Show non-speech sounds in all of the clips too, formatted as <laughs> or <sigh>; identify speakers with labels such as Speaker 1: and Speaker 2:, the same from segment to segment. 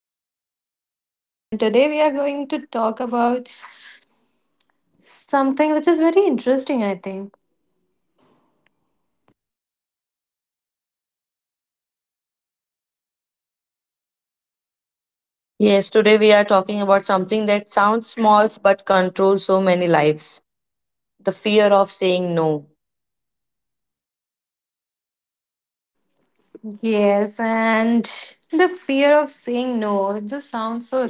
Speaker 1: And I am Muskan, and today we are going to talk about something which is very interesting, I think.
Speaker 2: Yes, today we are talking about something that sounds small but controls so many lives, the fear of saying no.
Speaker 1: Yes, and the fear of saying no. It just sounds so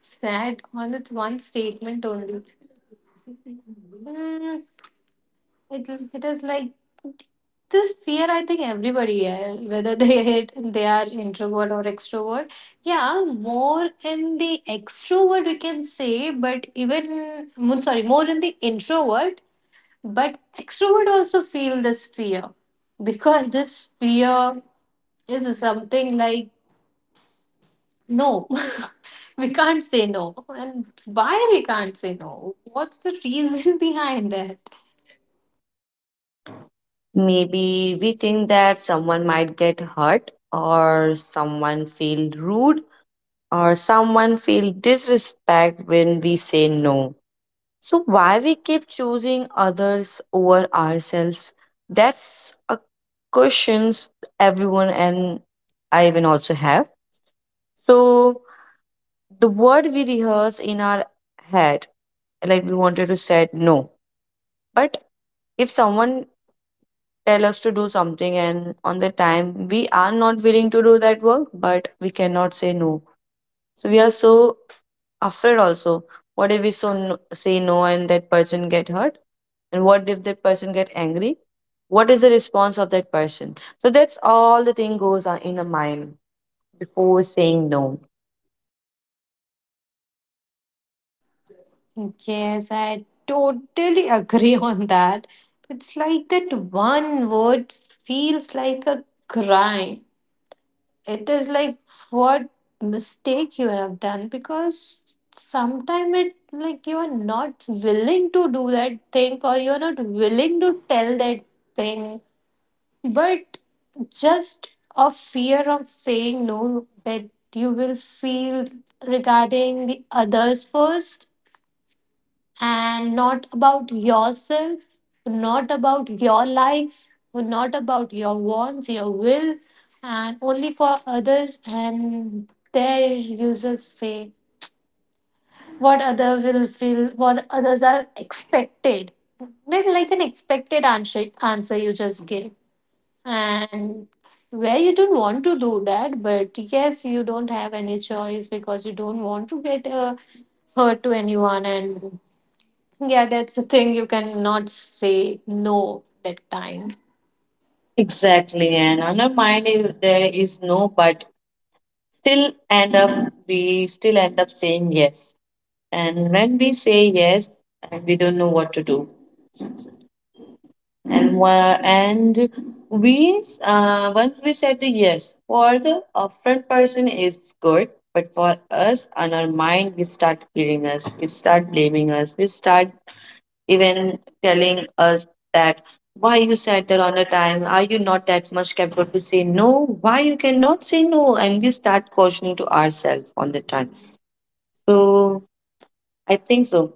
Speaker 1: sad on its one statement only. Mm, it is like this fear, I think everybody, has, whether they, <laughs> they are introvert or extrovert. Yeah, more in the extrovert, we can say, but even, sorry, more in the introvert. But extrovert also feel this fear, because this fear is something like no, <laughs> we can't say no. And why we can't say no? What's the reason <laughs> behind that?
Speaker 2: Maybe we think that someone might get hurt, or someone feel rude, or someone feel disrespect when we say no. So, why we keep choosing others over ourselves? That's a questions everyone and I even also have. So, the word we rehearse in our head, like we wanted to say no, but if someone tell us to do something and on the time we are not willing to do that work but we cannot say no, so we are so afraid also, what if we so no, say no and that person get hurt, and what if that person get angry, what is the response of that person, so that's all the thing goes on in the mind before saying no.
Speaker 1: Yes, I totally agree on that. It's like that one word feels like a crime. It is like what mistake you have done, because sometimes it like you're not willing to do that thing, or you're not willing to tell that thing, but just a fear of saying no that you will feel regarding the others first, and not about yourself, not about your likes, not about your wants, your will, and only for others. And there users say what other will feel, what others are expected. Then like an expected answer you just give, and where you don't want to do that, but yes, you don't have any choice because you don't want to get hurt to anyone. And yeah, that's the thing. You cannot say no that time.
Speaker 2: Exactly, and on our mind is, there is no but still end up, we still end up saying yes. And when we say yes, and we don't know what to do, and and we once we said the yes for the upfront person is good, but for us on our mind we start killing us, we start blaming us, we start even telling us that why you sat there on a time, are you not that much capable to say no, why you cannot say no, and we start cautioning to ourselves on the time. So I think so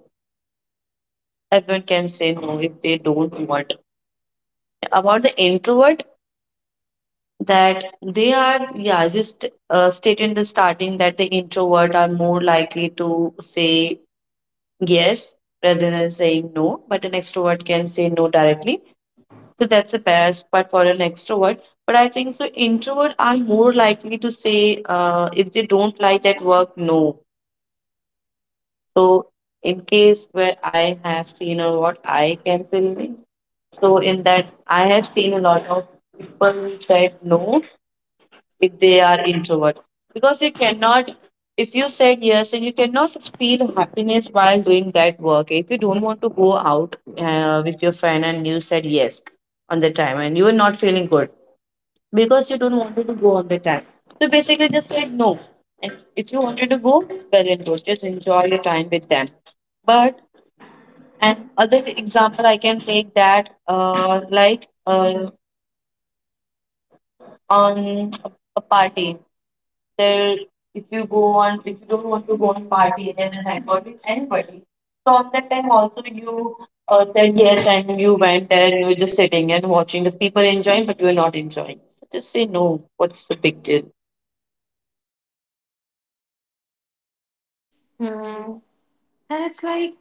Speaker 2: everyone can say no if they don't want. About the introvert, that they are, yeah, just state in the starting that the introvert are more likely to say yes rather than saying no, but an extrovert can say no directly. So that's a best spot for an extrovert. But I think so introvert are more likely to say, if they don't like that work, no. So in case where I have seen or what I can fill, so in that I have seen a lot of people said no if they are introvert. Because you cannot, if you said yes and you cannot feel happiness while doing that work. If you don't want to go out with your friend and you said yes on the time and you were not feeling good because you don't wanted to go on the time. So basically, just said no. And if you wanted to go, well and good. Just enjoy your time with them. But an other example I can take that, like on a party, there, if you go on, if you don't want to go on party and then hang out with anybody, so on that time also you said yes and you went there and you were just sitting and watching the people enjoying, but you were not enjoying. Just say no. What's the big deal?
Speaker 1: Mm. And it's like,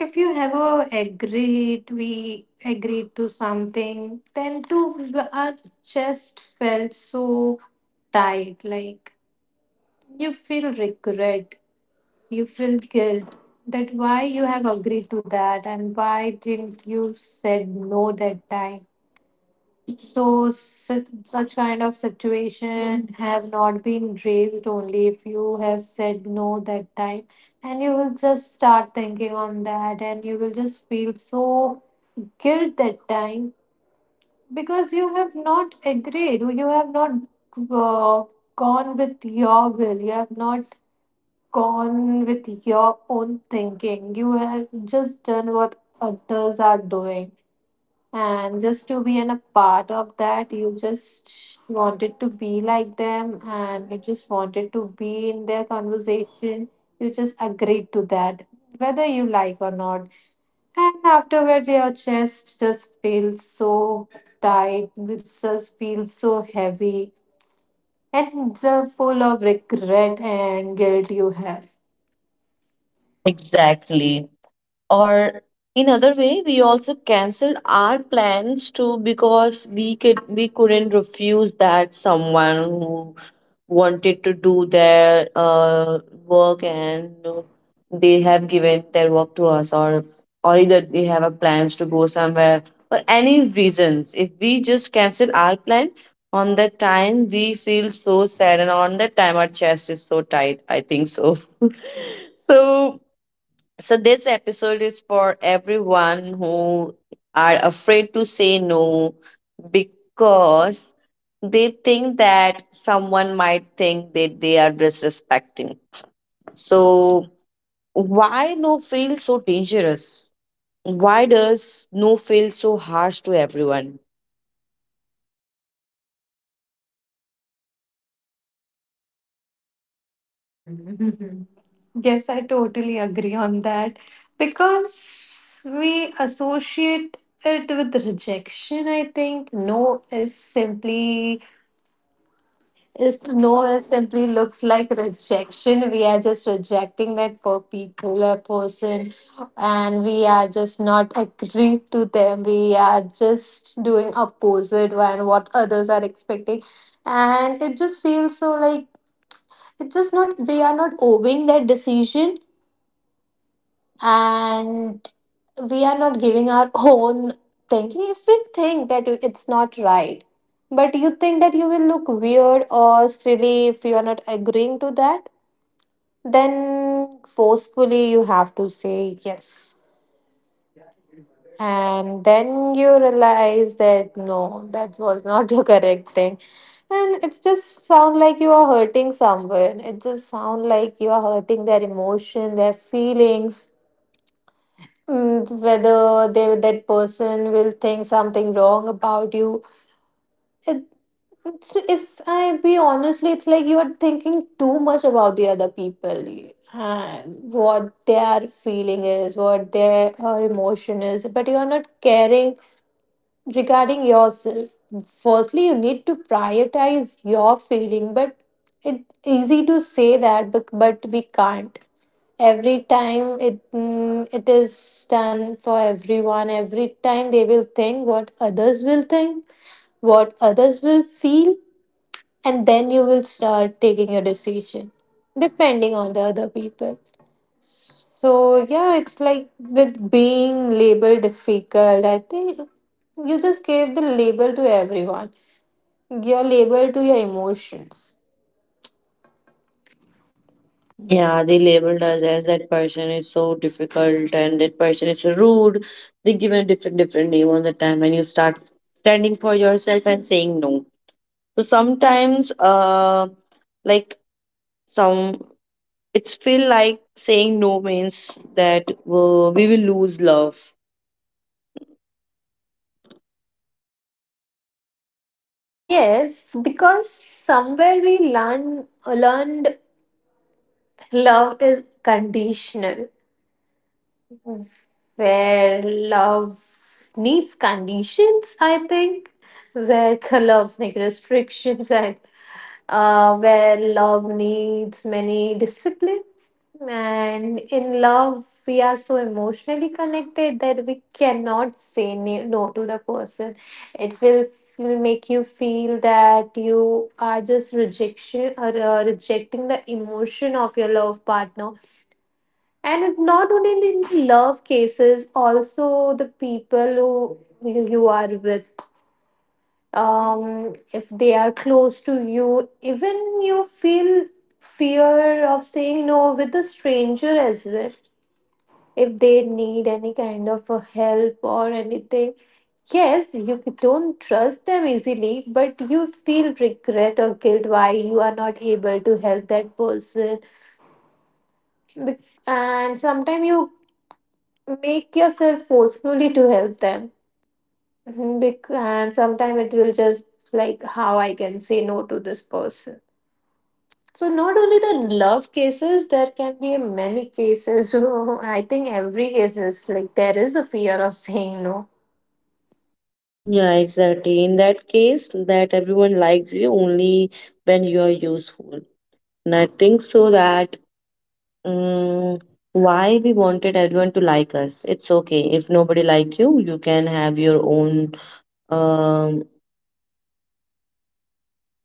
Speaker 1: if you ever agreed, we agreed to something, then too our chest felt so tight. Like you feel regret, you feel guilt that why you have agreed to that, and why didn't you said no that time. So such kind of situation have not been raised only if you have said no that time, and you will just start thinking on that, and you will just feel so guilt that time, because you have not agreed, you have not uh, gone with your will, you have not gone with your own thinking. You have just done what others are doing, and just to be in a part of that, you just wanted to be like them, and you just wanted to be in their conversation. You just agreed to that, whether you like or not, and afterwards your chest just feels so tight. It just feels so heavy, and it's full of regret and guilt you have.
Speaker 2: Exactly. Or in other way we also canceled our plans too, because we could, we couldn't refuse that someone who wanted to do their work, and they have given their work to us, or either they have a plans to go somewhere, or any reasons, if we just cancel our plan, on that time we feel so sad and on that time our chest is so tight, I think so. <laughs> So so this episode is for everyone who are afraid to say no, because they think that someone might think that they are disrespecting. So why no feel so dangerous? Why does no feel so harsh to everyone?
Speaker 1: <laughs> Yes, I totally agree on that, because we associate it with rejection. I think no is simply looks like rejection. We are just rejecting that for people or person, and we are just not agreed to them. We are just doing opposite and what others are expecting, and it just feels so like it just not we are not obeying that decision. And we are not giving our <laughs> own thinking. If we think that it's not right, but you think that you will look weird or silly if you are not agreeing to that, then forcefully you have to say yes. And then you realize that no, that was not <laughs> the correct thing. And it just sound like you are hurting someone, it just sound like you are hurting their emotion, their feelings, whether they, that person, will think something wrong about you. it, if I be honestly, it's like you are thinking too much about the other people, and what their feeling is, what their emotion is, but you are not caring regarding yourself. Firstly you need to prioritize your feeling, but it's easy to say that, but we can't every time. It is done for everyone. Every time they will think what others will think, what others will feel, and then you will start taking a decision depending on the other people. So yeah, it's like with being labeled difficult. I think you just gave the label to everyone. Your label to your emotions.
Speaker 2: Yeah, they labeled us as that person is so difficult and that person is so rude. They give a different different name all the time, and you start standing for yourself and saying no. So sometimes, like some, it's feel like saying no means that we will lose love.
Speaker 1: Yes, because somewhere we learned love is conditional, where love needs conditions. I think where <laughs> love needs restrictions, and where love needs many discipline. And in love, we are so emotionally connected that we cannot say no to the person. It will make you feel that you are just rejection, or rejecting the emotion of your love partner. And not only in the love cases, also the people who you are with, if they are close to you, even you feel fear of saying no with a stranger as well. If they need any kind of a help or anything, yes, you don't trust them easily, but you feel regret or guilt why you are not able to help that person. Bec- And sometimes you make yourself forcefully to help them. Mhm. And sometimes it will just like how I can say no to this person. So not only the love cases, there can be many cases. <laughs> I think every case is like there is a fear of saying no.
Speaker 2: Yeah, exactly. In that case, that everyone likes you only when you are useful. And I think so that, um, why we wanted everyone to like us. It's okay if nobody like you. You can have your own, um,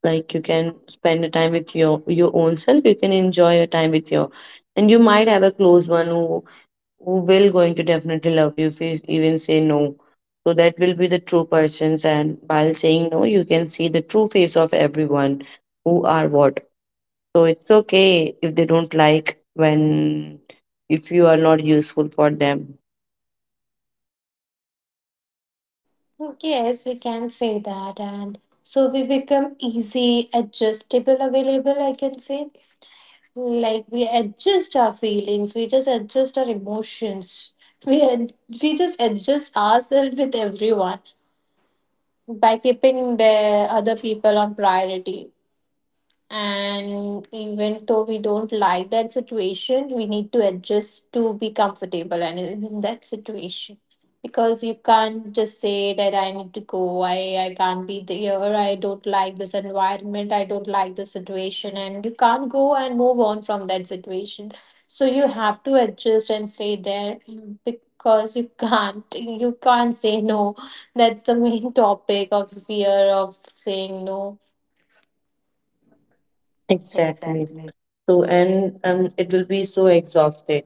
Speaker 2: like you can spend a time with your own self, you can enjoy your time with your, and you might have a close one who will going to definitely love you if he even say no, so that will be the true persons, and while saying no you can see the true face of everyone, who are what. So it's okay if they don't like when, if you are not useful for them.
Speaker 1: Yes, we can say that, and so we become easy, adjustable, available. I can say, like we adjust our feelings, we just adjust our emotions, we ad- we just adjust ourselves with everyone by keeping the other people on priority. And even though we don't like that situation, we need to adjust to be comfortable and in that situation. Because you can't just say that I need to go, I can't be there, I don't like this environment, I don't like this situation, and you can't go and move on from that situation. So you have to adjust and stay there, because you can't say no. That's the main <laughs> topic of fear of saying no.
Speaker 2: Exactly. So and um, it will be so exhausted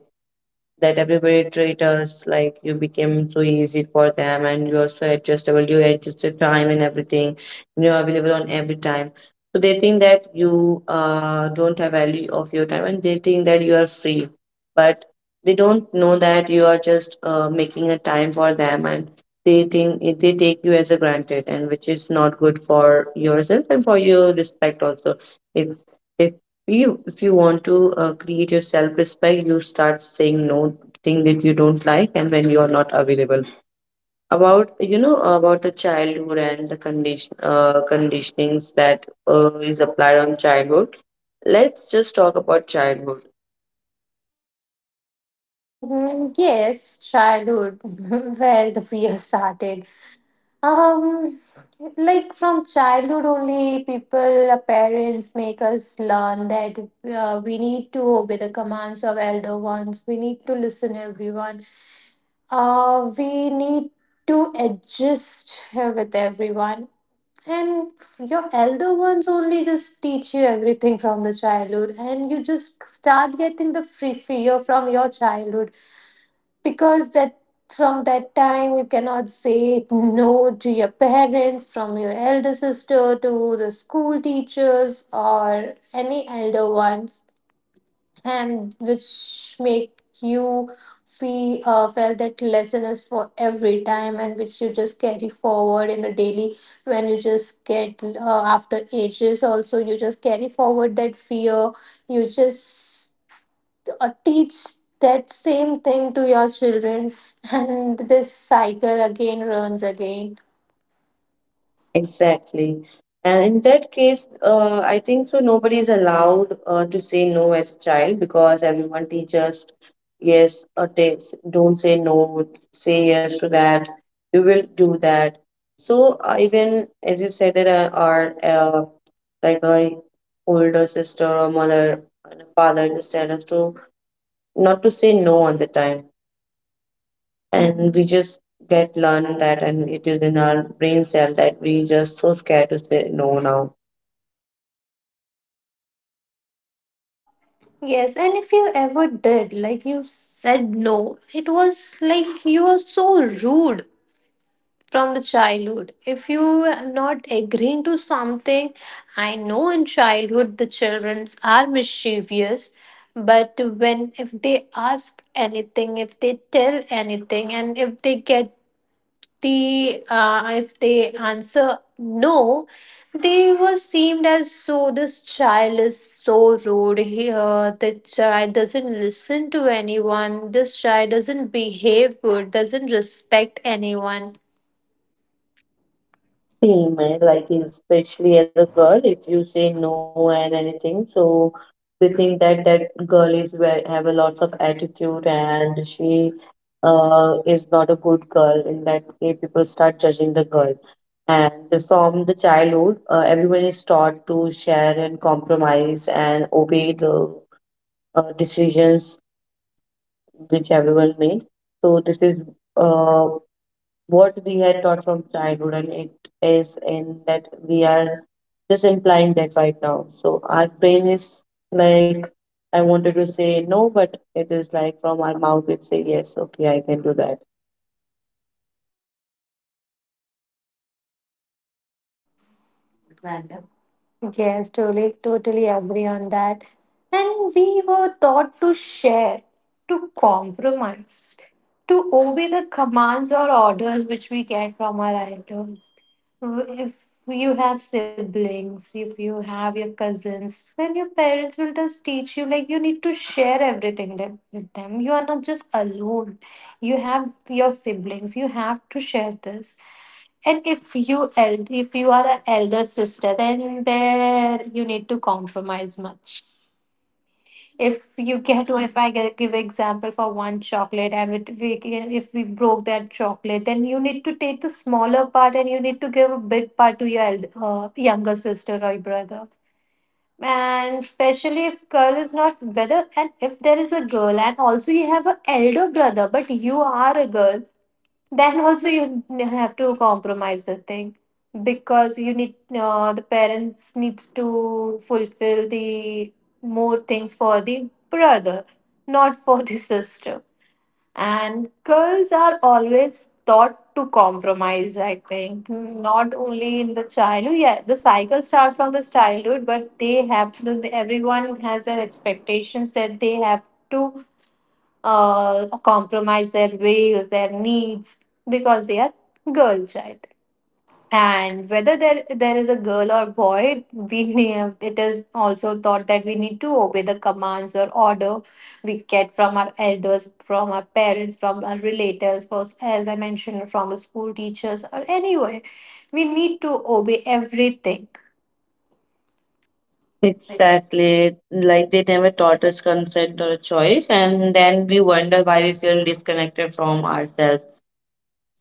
Speaker 2: that everybody treat us like you became so easy for them and you're so adjustable, you adjust your time and everything, you're available on every time. So they think that you don't have value of your time and they think that you are free, but they don't know that you are just making a time for them, and they think they take you as a granted, and which is not good for yourself and for your respect also. If if you, if you want to create your self respect, you start saying no, thing that you don't like, and when you are not available. About, you know about the childhood and the condition, conditionings that is applied on childhood. Let's just talk about childhood.
Speaker 1: Mhm. Yes, childhood, <laughs> where the fear started. Um, like from childhood only, people, our parents make us learn that we need to obey the commands of elder ones. We need to listen everyone. We need to adjust with everyone. And your elder ones only just teach you everything from the childhood, and you just start getting the free fear from your childhood, because that, from that time you cannot say no to your parents, from your elder sister to the school teachers or any elder ones, and which make you feel felt that lesson is for every time, and which you just carry forward in the daily. When you just get after ages also, you just carry forward that fear. You just teach that same thing to your children, and this cycle again runs again.
Speaker 2: Exactly. And in that case, I think so nobody is allowed to say no as a child, because everyone teaches yes, or takes, don't say no, say yes to that, you will do that. So even as you said that our like our older sister or mother and father just tell us to not to say no on the time, and we just get learned that, and it is in our brain cell that we just so scared to say no now.
Speaker 1: Yes, and if you ever did, like you said no, it was like you were so rude. From the childhood, if you are not agreeing to something, I know in childhood the children are mischievous, but when if they ask anything, if they tell anything, and if they get, they, if they answer no, they were seemed as so this child is so rude. Here the child doesn't listen to anyone, this child doesn't behave good, doesn't respect anyone.
Speaker 2: Same eh, like especially as a girl if you say no and anything, so they think that that girl is ve- have a lot of attitude and she is not a good girl, in that way people start judging the girl. And from the childhood, everyone is taught to share and compromise and obey the decisions which everyone made. So this is uh, what we had taught from childhood, and it is in that we are just implying that right now. So our brain is like, I wanted to say no, but it is like from our mouth, it say yes, okay, I can do that.
Speaker 1: Yes, totally, totally agree on that. And we were taught to share, to compromise, to obey the commands or orders which we get from our elders. If you have siblings, if you have your cousins, then your parents will just teach you like you need to share everything with them. You are not just alone. You have your siblings, you have to share this. And if you are an elder sister, then there you need to compromise much. If you get, if I give example for one chocolate, and it, we can, if we broke that chocolate, then you need to take the smaller part and you need to give a big part to your younger sister or brother. And especially if girl is not whether, and if there is a girl and also you have an elder brother, but you are a girl, then also you have to compromise the thing, because you need, the parents needs to fulfill the more things for the brother, not for the <laughs> sister. And girls are always taught to compromise. I think not only in the childhood, yeah, the cycle starts from the childhood, but they have to, everyone has their expectations that they have to compromise their ways, their needs, because they are girl child. And whether there is a girl or boy, we <laughs> need, it is also thought that we need to obey the commands or order we get from our elders, from our parents, from our relatives, first, as I mentioned, from the school teachers or anywhere. We need to obey everything.
Speaker 2: Exactly. Like they never taught us consent or choice, and then we wonder why we feel disconnected from ourselves.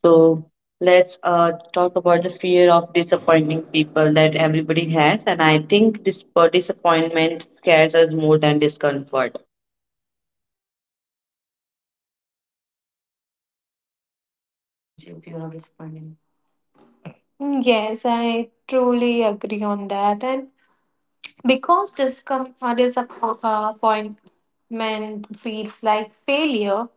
Speaker 2: So let's talk about the fear of disappointing people that everybody has. And I think this disappointment scares us more than discomfort.
Speaker 1: Change if you are responding. Yes, I truly agree on that. And because disappointment feels like failure,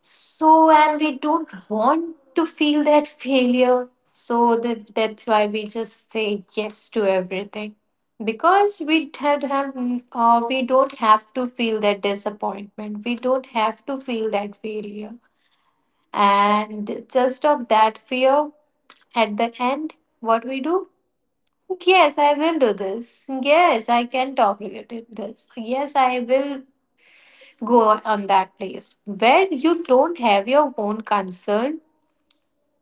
Speaker 1: so and we don't want to feel that failure. So that's why we just say yes to everything. Because we had have we don't have to feel that disappointment. We don't have to feel that failure. And just of that fear, at the end, what we do? Yes, I will do this. Yes, I can talk related this. Yes, I will go on that place where you don't have your own concern,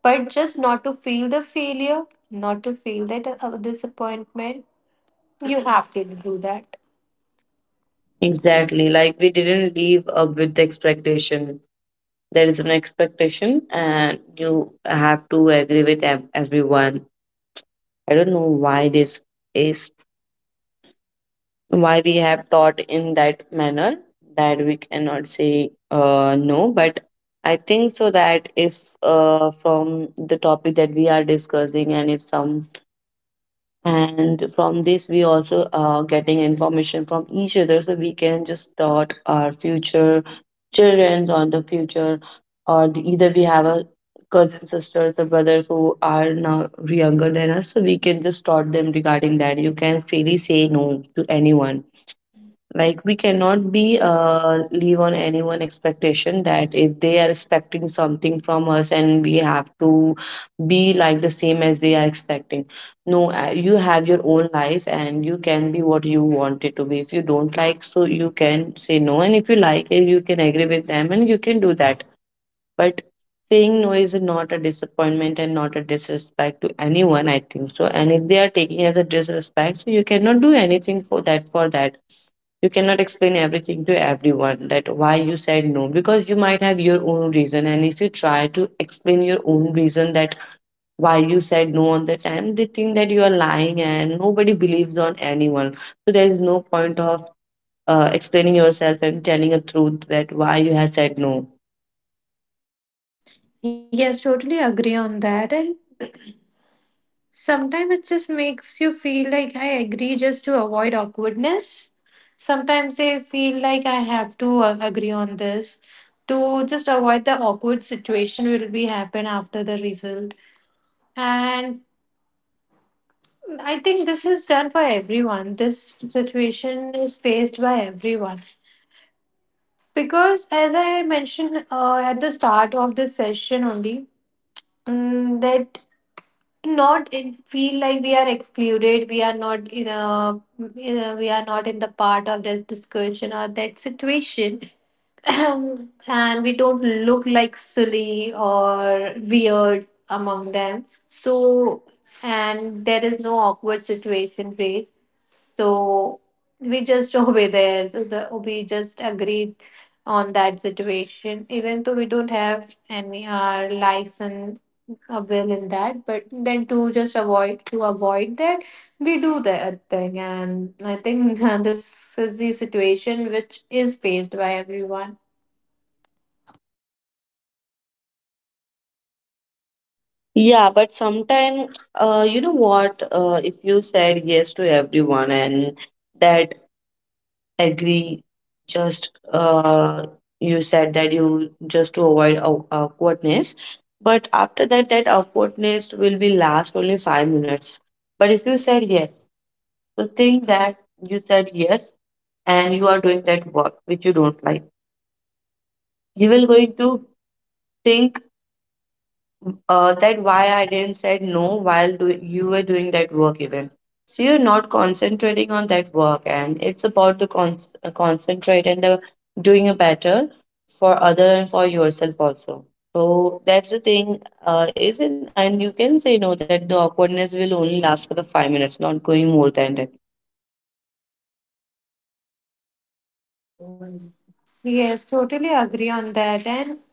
Speaker 1: but just not to feel the failure, not to feel that disappointment. You have to do that.
Speaker 2: Exactly. Like we didn't leave up with the expectation. There is an expectation, and you have to agree with ev- everyone. I don't know why this is, why we have taught in that manner that we cannot say no. But I think so that if from the topic that we are discussing, and if some, and from this we also are getting information from each other, so we can just start our future children's on the future, or the, either we have a cousin sisters or brothers who are now younger than us, so we can just start them regarding that you can freely say no to anyone. Like we cannot be leave on anyone expectation that if they are expecting something from us and we have to be like the same as they are expecting. No, you have your own life and you can be what you want it to be. If you don't like, so you can say no, and if you like it you can agree with them and you can do that. But saying no is not a disappointment and not a disrespect to anyone, I think so. And if they are taking as a disrespect, so you cannot do anything for that. For that you cannot explain everything to everyone, that why you said no, because you might have your own reason, and if you try to explain your own reason that why you said no on the time, they think that you are lying, and nobody believes on anyone, so there is no point of explaining yourself and telling a truth that why you have said no.
Speaker 1: Yes, totally agree on that. And sometimes it just makes you feel like I agree just to avoid awkwardness. Sometimes I feel like I have to agree on this to just avoid the awkward situation will be happen after the result. And I think this is done for everyone. This situation is faced by everyone because, as I mentioned at the start of this session only, that to not in, feel like we are excluded, we are not in a, we are not in the part of this discussion or that situation, <clears throat> and we don't look like silly or weird among them, so and there is no awkward situation raised, so we just <laughs> over there. So we just agreed on that situation, even though we don't have any our likes and a will in that. But then to just avoid to avoid that, we do that thing, and I think <laughs> this is the situation which is faced by everyone.
Speaker 2: Yeah, but sometimes, you know what, if you said yes to everyone, and that agree just you said that you just to avoid aw- awkwardness, but after that that awkwardness will be last only 5 minutes. But if you said yes, so think that you said yes and you are doing that work which you don't like, you will going to think that why I didn't said no while do- you were doing that work even. So you're not concentrating on that work, and it's about to con- concentrate and doing it better for other and for yourself also. So that's the thing, isn't and you can say no that the awkwardness will only last for the 5 minutes, not going more than that.
Speaker 1: Yes, totally agree on that. And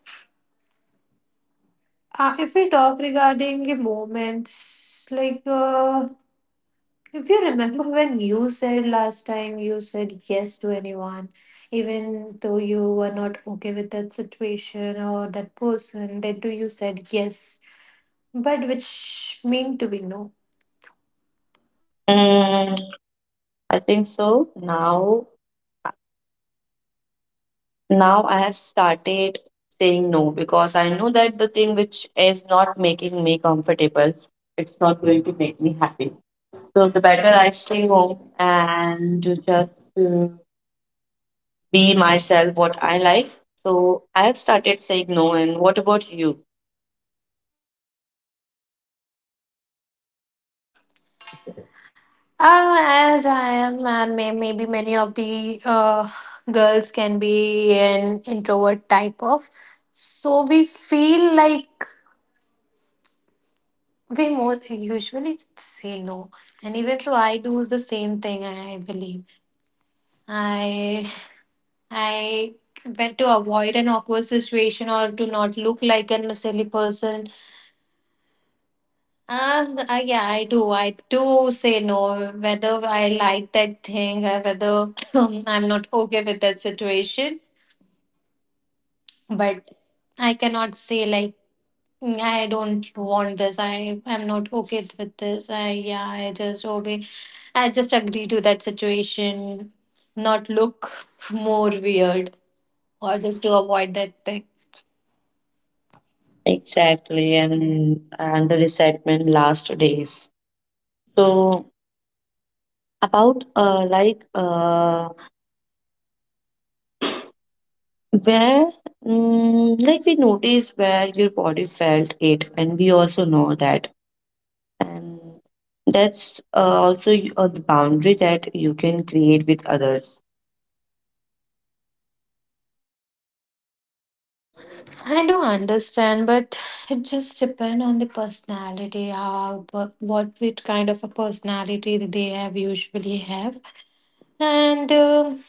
Speaker 1: if we talk regarding the moments, like. If you remember when you said last time you said yes to anyone, even though you were not okay with that situation or that person, then too you said yes, but which mean to be no.
Speaker 2: Mm, I think so. Now I have started saying no because I know that the thing which is not making me comfortable, it's not going to make me happy. So the better I stay home and to just be myself, what I like. So I have started saying no. And what about you?
Speaker 1: As I am, and maybe many of the girls can be an introvert type of. So we feel like we more usually say no. And even though I do the same thing, I believe. I I went to avoid an awkward situation or to not look like a silly person. Yeah, I do. I do say no, whether I like that thing or whether <clears throat> I'm not okay with that situation. But I cannot say like, "Mm, I don't want this. I am not okay with this. I yeah, I just obey. I just agree to that situation, not look <laughs> more weird or just to avoid that thing."
Speaker 2: Exactly, and the resentment last days. So about Where, like we notice where your body felt it, and we also know that, and that's also the boundary that you can create with others.
Speaker 1: I do understand, but it just depends on the personality, how, what which kind of a personality that they have usually have. And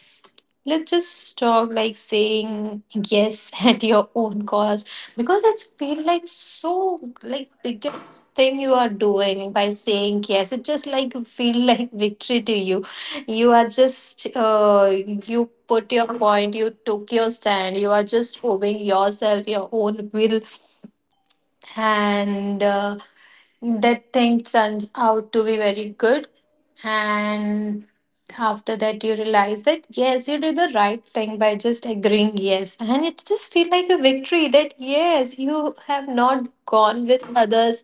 Speaker 1: let's just talk like saying yes <laughs> at your own cost, because it's feel like so like biggest thing you are doing by saying yes. It just like feel <laughs> like victory to you. You are just you put your point, you took your stand, you are just obeying yourself, your own will, and that thing turns out to be very good, and after that you realize that yes, you did the right thing by just agreeing yes, and it just feel like a victory, that yes, you have not gone with others,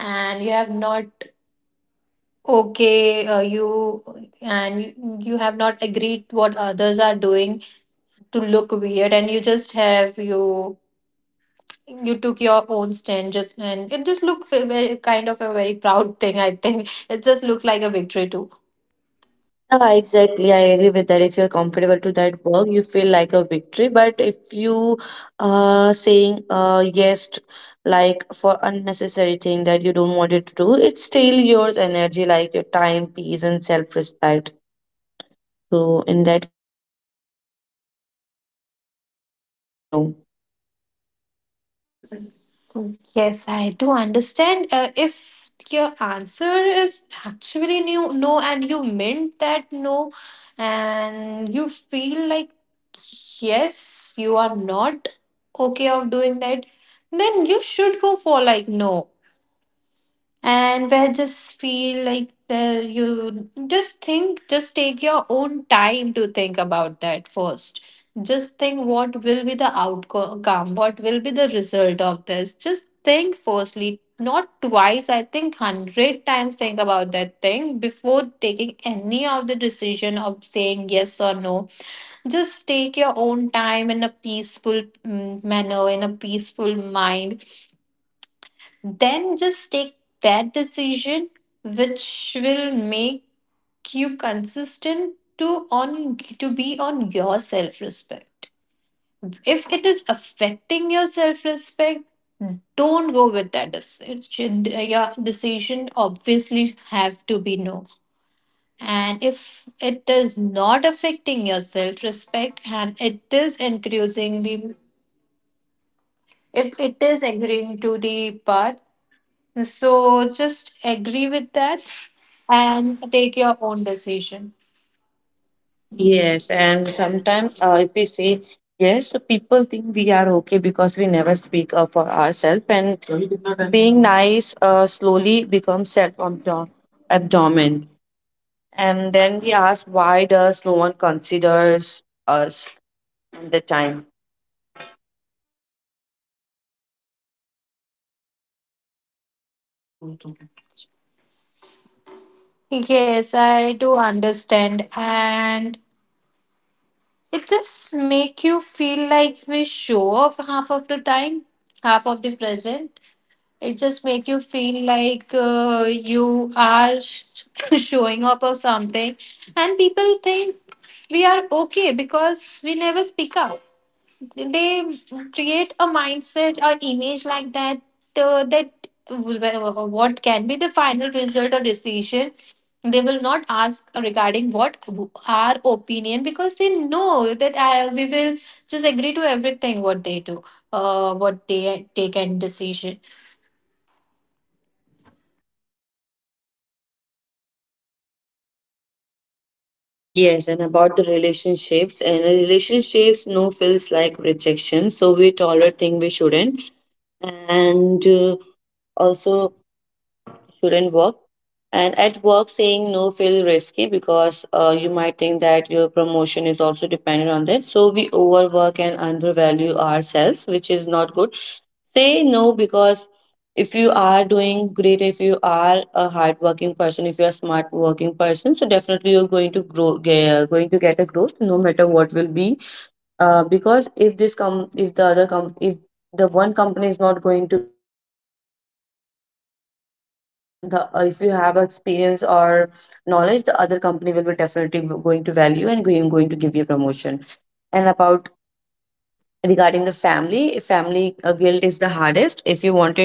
Speaker 1: and you have not okay, you and you have not agreed what others are doing to look weird, and you just have you, you took your own stand just, and it just looked very kind of a very proud thing. I think it just looked like a victory too.
Speaker 2: Yeah, exactly. I agree with that. If you're comfortable to that work, you feel like a victory. But if you are saying yes, like for unnecessary thing that you don't want it to do, it's still yours energy, like your time, peace, and self-respect. So in that case, you should say no.
Speaker 1: Yes, I do understand. If your answer is actually new no and you meant that no, and you feel like yes, you are not okay of doing that, then you should go for like no. And where just feel like there, you just think, just take your own time to think about that first. Just think what will be the outcome, what will be the result of this. Just think firstly not twice, I think 100 times think about that thing before taking any of the decision of saying yes or no. Just take your own time in a peaceful manner, in a peaceful mind, then just take that decision which will make you consistent to on to be on your self respect. If it is affecting your self respect, don't go with that decision. Your decision obviously have to be no. And if it is not affecting your self respect and it is increasing the, if it is agreeing to the part, so just agree with that and take your own decision.
Speaker 2: Yes, and sometimes if we say yes, so people think we are okay because we never speak up for ourselves, and being nice slowly becomes self abdomen. And then we ask, why does no one considers us at the time?
Speaker 1: Yes, I do understand. And it just make you feel like we show off half of the time, half of the present. It just make you feel like you are <laughs> showing up or something. And people think we are okay because we never speak up. They create a mindset or image like that, that what can be the final result or decision. They will not ask regarding what our opinion, because they know that we will just agree to everything what they do, what they take and decision.
Speaker 2: Yes, and about the relationships, and relationships no feels like rejection, so we tolerate things we shouldn't, and also shouldn't work. And at work, saying no feel risky because you might think that your promotion is also dependent on that. So we overwork and undervalue ourselves, which is not good. Say no because if you are doing great, if you are a hardworking person, if you are a smart working person, so definitely you're going to grow, going to get a growth, no matter what will be because if this com if the other com if the one company is not going to be value you but the if you have experience or knowledge the other company will be definitely going to value and going to give you promotion and about regarding the family if family guilt is the hardest if you want it uh,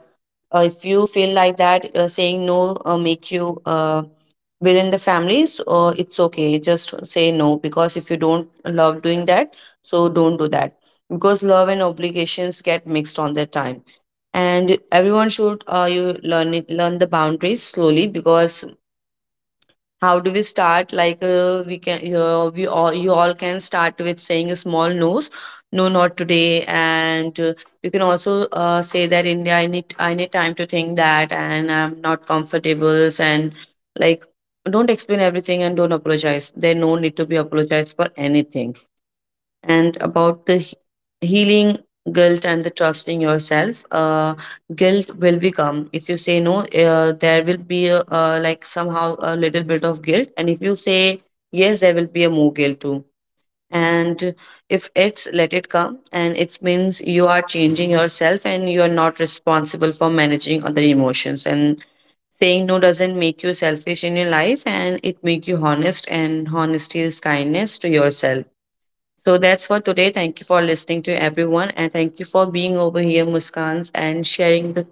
Speaker 2: uh, if you feel like that, saying no make you within the families, it's okay. Just say no because if you don't love doing that, so don't do that because love and obligations get mixed on their time. And everyone should you learn it, learn the boundaries slowly because how do we start? Like we can, we all, you all can start with saying a small no's. No, not today. And you can also say that India, I need time to think that, and I'm not comfortable. And like, don't explain everything and don't apologize. There no need to be apologized for anything and about the healing guilt and the trusting yourself guilt will become if you say no there will be like somehow a little bit of guilt and if you say yes there will be a more guilt too and if it's let it come and it means you are changing yourself and you are not responsible for managing other emotions and saying no doesn't make you selfish in your life and it make you honest and honesty is kindness to yourself so that's for today. Thank you for listening to everyone. And thank you for being over here, Muskans, and sharing the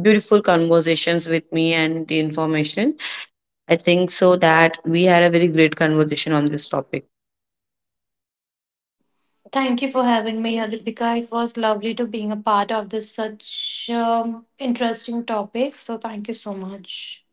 Speaker 2: beautiful conversations with me and the information. I think so that we had a very great conversation on this topic.
Speaker 1: Thank you for having me, Adipika. It was lovely to being a part of this such interesting topic, so thank you so much.